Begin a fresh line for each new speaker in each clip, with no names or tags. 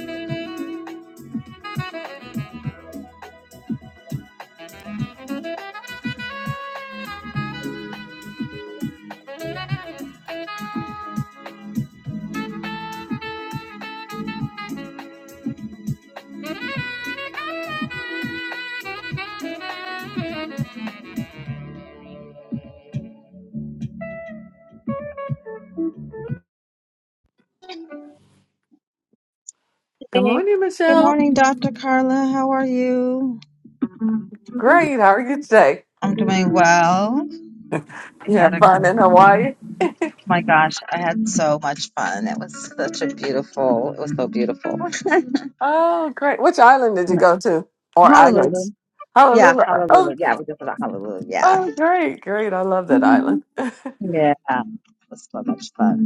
Hey.
Good morning,
Good
Michelle.
morning, Dr. Carla. How are you?
Great. How are you today?
I'm doing well. I
You
had
have
a
fun
great
in
meeting.
Hawaii?
my gosh, I had so much fun. It was such a beautiful, it was so beautiful.
Oh, great. Which island did you
Yeah.
go to? Or islands?
Hallelujah. Yeah,
Hallelujah. Oh,
hallelujah. Yeah, we just about hallelujah. Yeah.
oh, great. Great. I love that
Mhm.
island.
Yeah. It was so much fun.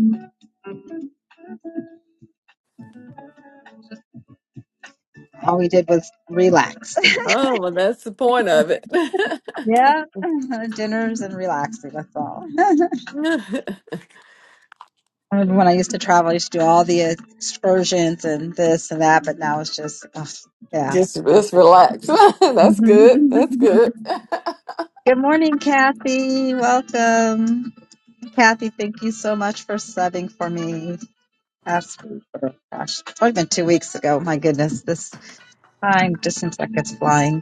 All we did was relax.
Oh, well, that's the point of it.
Yeah. Dinners and relaxing, that's all. I remember when I used to travel, I used to do all the excursions and this and that, but now it's just, ugh, yeah. it's
Just, just relax. That's good. That's good.
Good morning, Kathy. Welcome. Kathy, thank you so much for subbing for me. Last week, oh gosh, it's only been two weeks ago. My goodness, this time just seems like it's flying.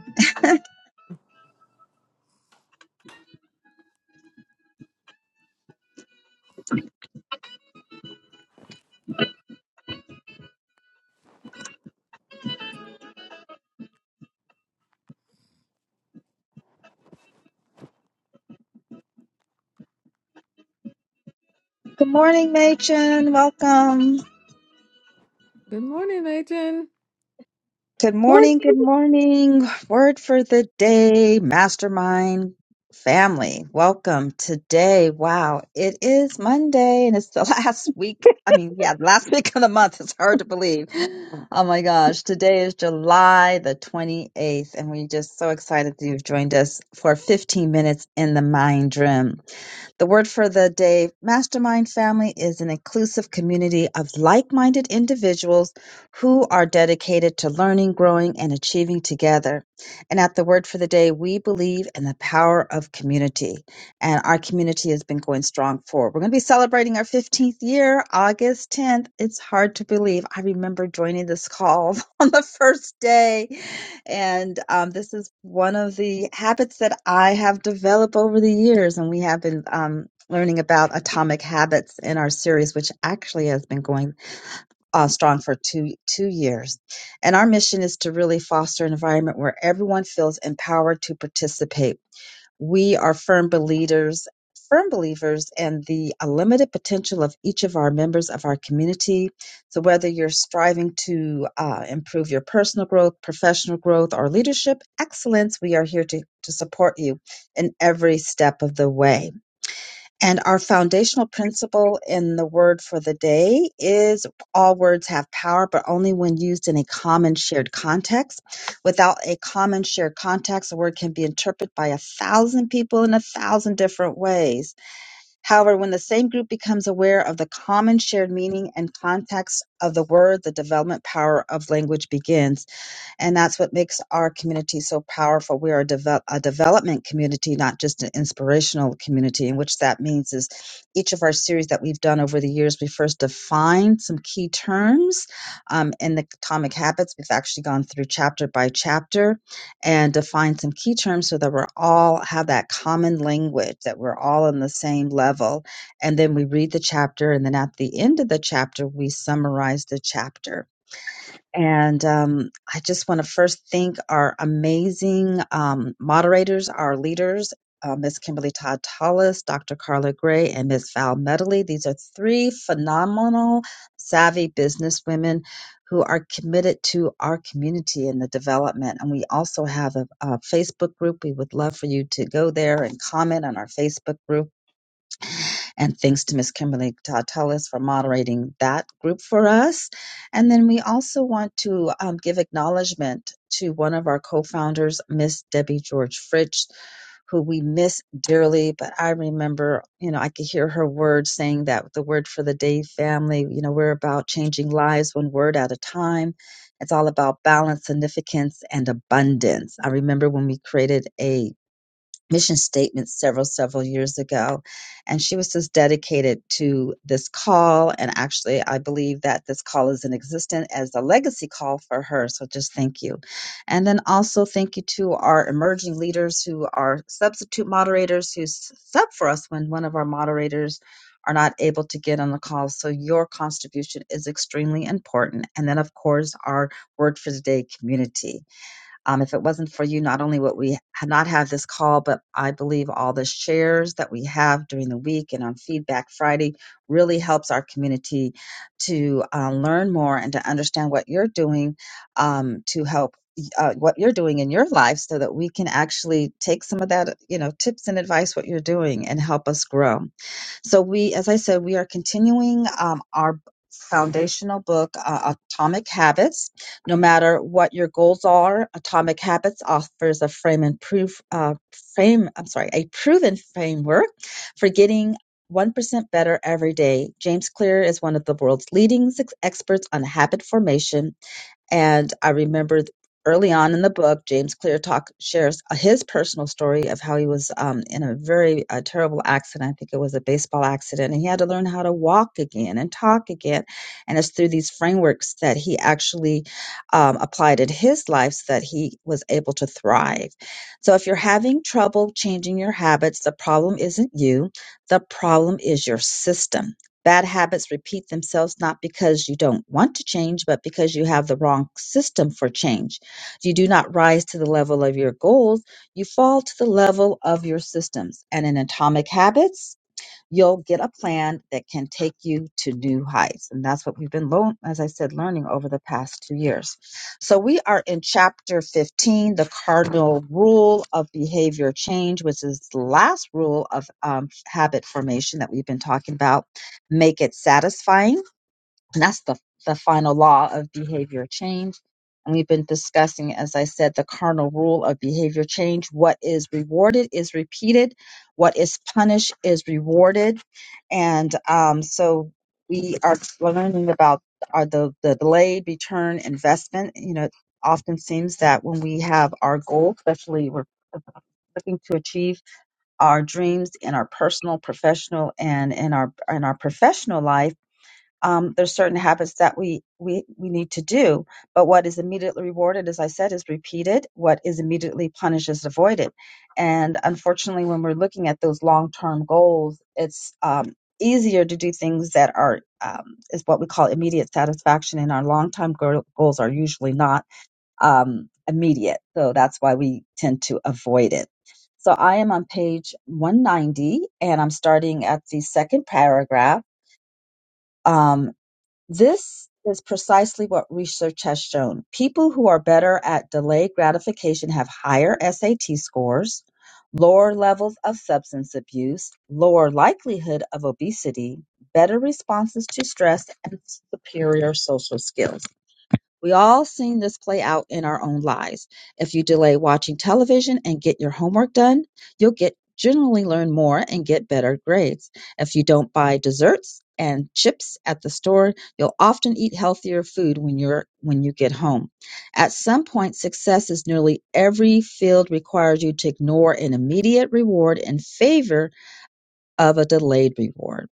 Good morning, Machen. Welcome.
Good morning, Adrian.
Good
Morning.
morning, good morning. Word for the day, mastermind family. Welcome today. Wow, it is Monday and it's the last week. I mean, yeah, the last week of the month. It's hard to believe. Oh my gosh, today is July the 28th, and we're just so excited that you've joined us for 15 minutes in the mind room. The word for the day mastermind family is an inclusive community of like minded individuals who are dedicated to learning, growing, and achieving together. And at the word for the day, we believe in the power of community. And our community has been going strong for. We're going to be celebrating our 15th year, August 10th. It's hard to believe. I remember joining this call on the first day and um, this is one of the habits that I have developed over the years. And we have been um, learning about atomic habits in our series, which actually has been going uh, strong for two, two years. And our mission is to really foster an environment where everyone feels empowered to participate we are firm believers firm believers in the unlimited potential of each of our members of our community so whether you're striving to uh, improve your personal growth professional growth or leadership excellence we are here to, to support you in every step of the way and our foundational principle in the word for the day is all words have power, but only when used in a common shared context. Without a common shared context, a word can be interpreted by a thousand people in a thousand different ways. However, when the same group becomes aware of the common shared meaning and context of the word, the development power of language begins. And that's what makes our community so powerful. We are a, devel- a development community, not just an inspirational community. And which that means is each of our series that we've done over the years, we first define some key terms um, in the Atomic Habits. We've actually gone through chapter by chapter and defined some key terms so that we're all have that common language, that we're all on the same level. And then we read the chapter, and then at the end of the chapter, we summarize the chapter and um, I just want to first thank our amazing um, moderators, our leaders, uh, Ms. Kimberly Todd Tallis, Dr. Carla Gray, and Miss Val Medley. These are three phenomenal, savvy businesswomen who are committed to our community and the development. And we also have a, a Facebook group. We would love for you to go there and comment on our Facebook group and thanks to Miss Kimberly Tatellis for moderating that group for us. And then we also want to um, give acknowledgement to one of our co-founders, Miss Debbie George Fritsch, who we miss dearly. But I remember, you know, I could hear her words saying that the word for the day family, you know, we're about changing lives one word at a time. It's all about balance, significance, and abundance. I remember when we created a mission statement several several years ago and she was just dedicated to this call and actually i believe that this call is in existence as a legacy call for her so just thank you and then also thank you to our emerging leaders who are substitute moderators who s- sub for us when one of our moderators are not able to get on the call so your contribution is extremely important and then of course our word for the day community um, if it wasn't for you, not only would we ha- not have this call, but I believe all the shares that we have during the week and on Feedback Friday really helps our community to uh, learn more and to understand what you're doing um, to help y- uh, what you're doing in your life so that we can actually take some of that, you know, tips and advice, what you're doing and help us grow. So we, as I said, we are continuing um, our foundational book, uh, Atomic Habits. No matter what your goals are, Atomic Habits offers a frame and proof uh, frame. I'm sorry, a proven framework for getting. 1% better every day. James Clear is one of the world's leading ex- experts on habit formation and I remember th- early on in the book, James Clear talk shares his personal story of how he was um, in a very uh, terrible accident. I think it was a baseball accident, and he had to learn how to walk again and talk again. And it's through these frameworks that he actually um, applied in his life so that he was able to thrive. So if you're having trouble changing your habits, the problem isn't you. The problem is your system Bad habits repeat themselves not because you don't want to change, but because you have the wrong system for change. You do not rise to the level of your goals, you fall to the level of your systems. And in atomic habits, you'll get a plan that can take you to new heights. And that's what we've been, lo- as I said, learning over the past two years. So we are in chapter 15, the cardinal rule of behavior change, which is the last rule of um, habit formation that we've been talking about. Make it satisfying and that's the, the final law of behavior change. And we've been discussing, as I said, the cardinal rule of behavior change. What is rewarded is repeated, what is punished is rewarded. And um, so we are learning about are the, the delayed return investment. You know, it often seems that when we have our goal, especially we're looking to achieve our dreams in our personal, professional, and in our in our professional life um, there's certain habits that we, we we need to do but what is immediately rewarded as i said is repeated what is immediately punished is avoided and unfortunately when we're looking at those long-term goals it's um, easier to do things that are um, is what we call immediate satisfaction and our long-term go- goals are usually not um, immediate so that's why we tend to avoid it so i am on page 190 and i'm starting at the second paragraph Um, this is precisely what research has shown. People who are better at delayed gratification have higher SAT scores, lower levels of substance abuse, lower likelihood of obesity, better responses to stress, and superior social skills. We all seen this play out in our own lives. If you delay watching television and get your homework done, you'll get generally learn more and get better grades. If you don't buy desserts and chips at the store, you'll often eat healthier food when you're when you get home. At some point, success in nearly every field requires you to ignore an immediate reward in favor of a delayed reward.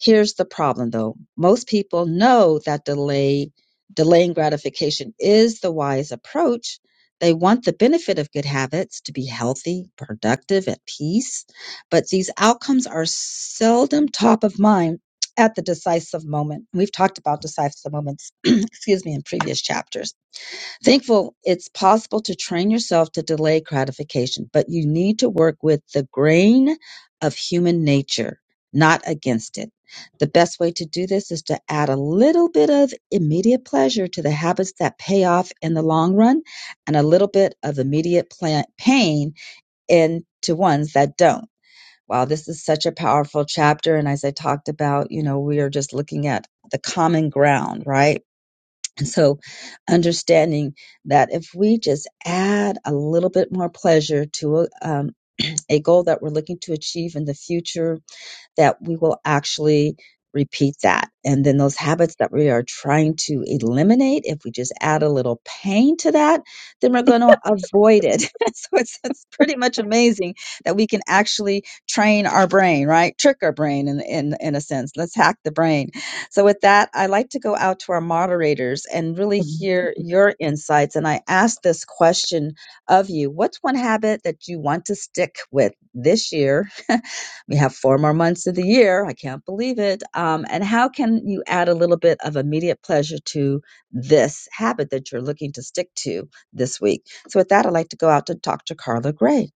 Here's the problem though. Most people know that delay, delaying gratification is the wise approach. They want the benefit of good habits to be healthy, productive, at peace, but these outcomes are seldom top of mind at the decisive moment. We've talked about decisive moments, excuse me, in previous chapters. Thankful it's possible to train yourself to delay gratification, but you need to work with the grain of human nature, not against it. The best way to do this is to add a little bit of immediate pleasure to the habits that pay off in the long run and a little bit of immediate pla- pain into ones that don't. Wow, this is such a powerful chapter. And as I talked about, you know, we are just looking at the common ground, right? So, understanding that if we just add a little bit more pleasure to a, um, a goal that we're looking to achieve in the future, that we will actually repeat that. And then those habits that we are trying to eliminate, if we just add a little pain to that, then we're going to avoid it. so it's, it's pretty much amazing that we can actually train our brain, right? Trick our brain in, in, in a sense. Let's hack the brain. So with that, I like to go out to our moderators and really hear your insights. And I asked this question of you. What's one habit that you want to stick with this year? We have four more months of the year. I can't believe it. Um, and how can you add a little bit of immediate pleasure to this habit that you're looking to stick to? this week. So, with that, I'd like to go out to Dr. Carla Gray.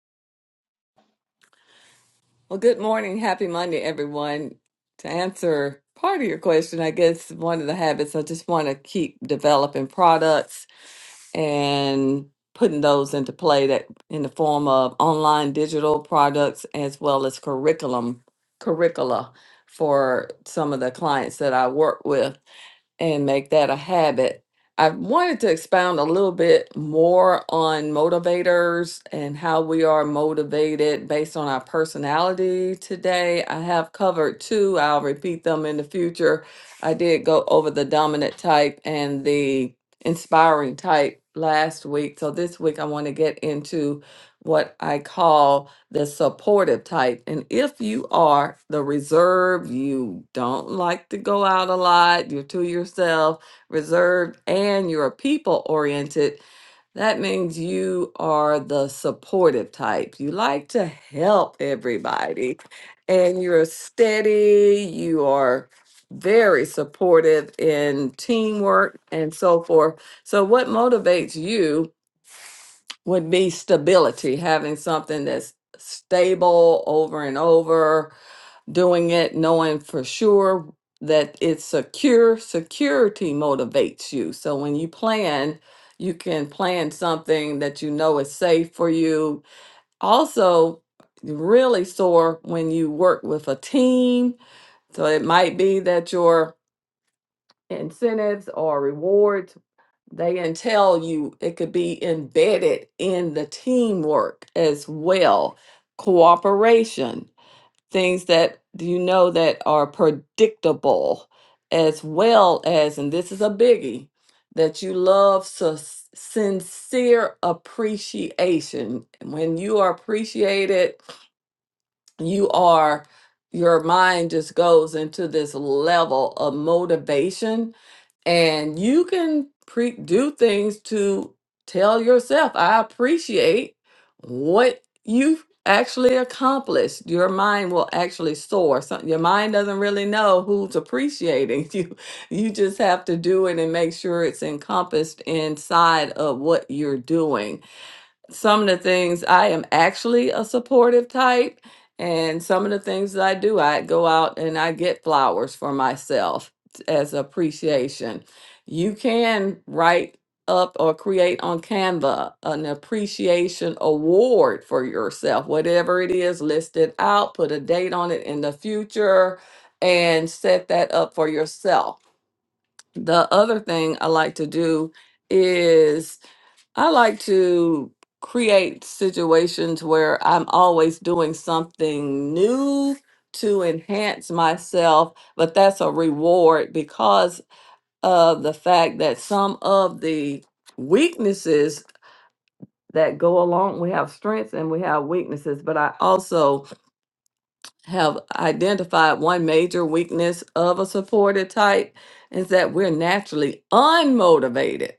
Well, good morning. Happy Monday, everyone. To answer part of your question, I guess one of the habits I just want to keep developing products and putting those into play that in the form of online digital products as well as curriculum curricula for some of the clients that I work with and make that a habit. I wanted to expound a little bit more on motivators and how we are motivated based on our personality today. I have covered two, I'll repeat them in the future. I did go over the dominant type and the inspiring type last week. So this week I want to get into what I call the supportive type. And if you are the reserve, you don't like to go out a lot, you're to yourself, reserved, and you're people oriented, that means you are the supportive type. You like to help everybody and you're steady, you are very supportive in teamwork and so forth. So, what motivates you? would be stability, having something that's stable over and over, doing it, knowing for sure that it's secure. Security motivates you. So when you plan, you can plan something that you know is safe for you. Also, you really soar when you work with a team. So it might be that your incentives or rewards they can tell you, it could be embedded in the teamwork as well, cooperation, things that you know that are predictable, as well as, and this is a biggie, that you love sus- sincere appreciation. When you are appreciated, you are your mind just goes into this level of motivation and you can pre- do things to tell yourself i appreciate what you've actually accomplished your mind will actually soar so your mind doesn't really know who's appreciating you you just have to do it and make sure it's encompassed inside of what you're doing some of the things I am actually a supportive type, and some of the things that I do, I go out and I get flowers for myself t- as appreciation. You can write up or create on Canva an appreciation award for yourself, whatever it is, list it out, put a date on it in the future, and set that up for yourself. The other thing I like to do is I like to create situations where I'm always doing something new to enhance myself, but that's a reward because of the fact that some of the weaknesses that go along, we have strengths and we have weaknesses, but I also have identified one major weakness of a supported type is that we're naturally unmotivated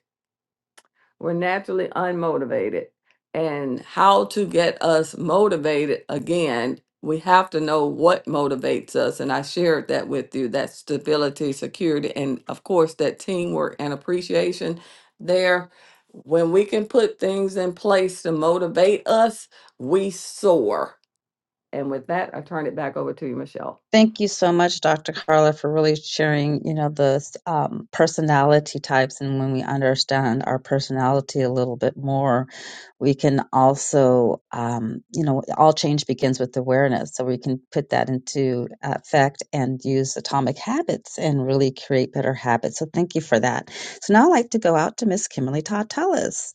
We're naturally unmotivated. And how to get us motivated again, we have to know what motivates us. And I shared that with you that stability, security, and of course, that teamwork and appreciation there. When we can put things in place to motivate us, we soar. And with that, I turn it back over to you, Michelle.
Thank you so much, Dr. Carla, for really sharing, you know, the um, personality types. And when we understand our personality a little bit more, we can also, um, you know, all change begins with awareness. So we can put that into effect and use atomic habits and really create better habits. So thank you for that. So now I'd like to go out to Miss Kimberly Todd Tellis.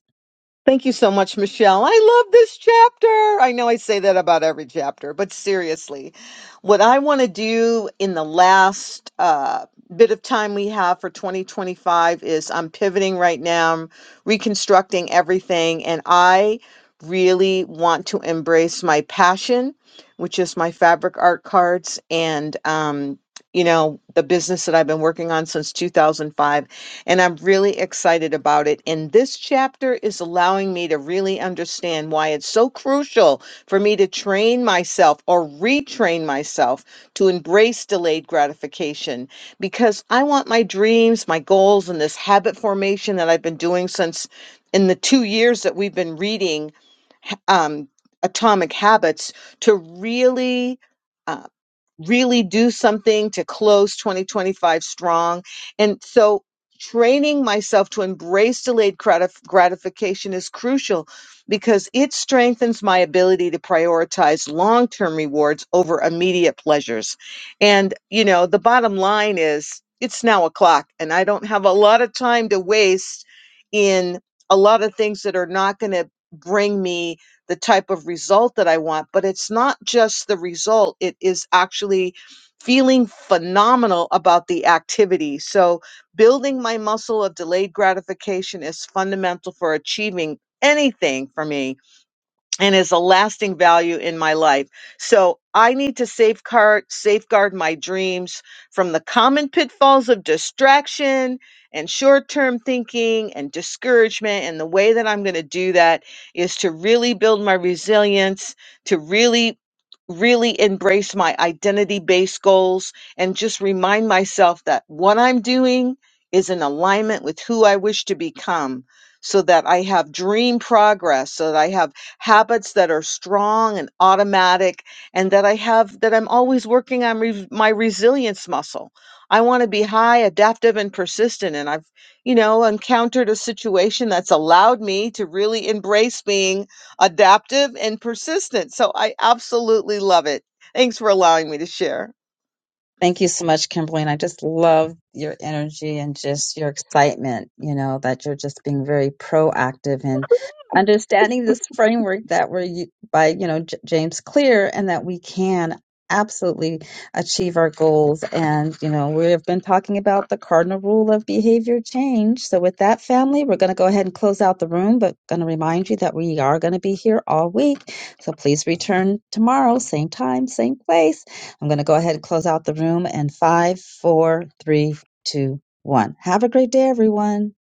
Thank you so much, Michelle. I love this chapter. I know I say that about every chapter, but seriously, what I want to do in the last uh, bit of time we have for 2025 is I'm pivoting right now, I'm reconstructing everything, and I really want to embrace my passion, which is my fabric art cards and, um, you know, the business that I've been working on since 2005 and I'm really excited about it. And this chapter is allowing me to really understand why it's so crucial for me to train myself or retrain myself to embrace delayed gratification because I want my dreams, my goals, and this habit formation that I've been doing since in the two years that we've been reading um, Atomic Habits to really. Uh, really do something to close 2025 strong. And so training myself to embrace delayed gratif- gratification is crucial because it strengthens my ability to prioritize long-term rewards over immediate pleasures. And you know, the bottom line is it's now o'clock and I don't have a lot of time to waste in a lot of things that are not going to bring me the type of result that I want. But it's not just the result, it is actually feeling phenomenal about the activity. So, building my muscle of delayed gratification is fundamental for achieving anything for me and is a lasting value in my life. So I need to safeguard safeguard my dreams from the common pitfalls of distraction and short-term thinking and discouragement and the way that I'm going to do that is to really build my resilience, to really really embrace my identity-based goals and just remind myself that what I'm doing is in alignment with who I wish to become so that I have dream progress, so that I have habits that are strong and automatic and that I have that I'm always working on re- my resilience muscle. I want to be high adaptive and persistent and I've you know encountered a situation that's allowed me to really embrace being adaptive and persistent. So I absolutely love it. Thanks for allowing me to share.
Thank you so much, Kimberly. And I just love your energy and just your excitement, you know, that you're just being very proactive and understanding this framework that we're u- by, you know, J- James Clear and that we can absolutely achieve our goals. And, you know, we have been talking about the cardinal rule of behavior change. So with that family, we're going to go ahead and close out the room, but going to remind you that we are going to be here all week. So please return tomorrow, same time, same place. I'm going to go ahead and close out the room in five, four, three, two, one. Have a great day, everyone.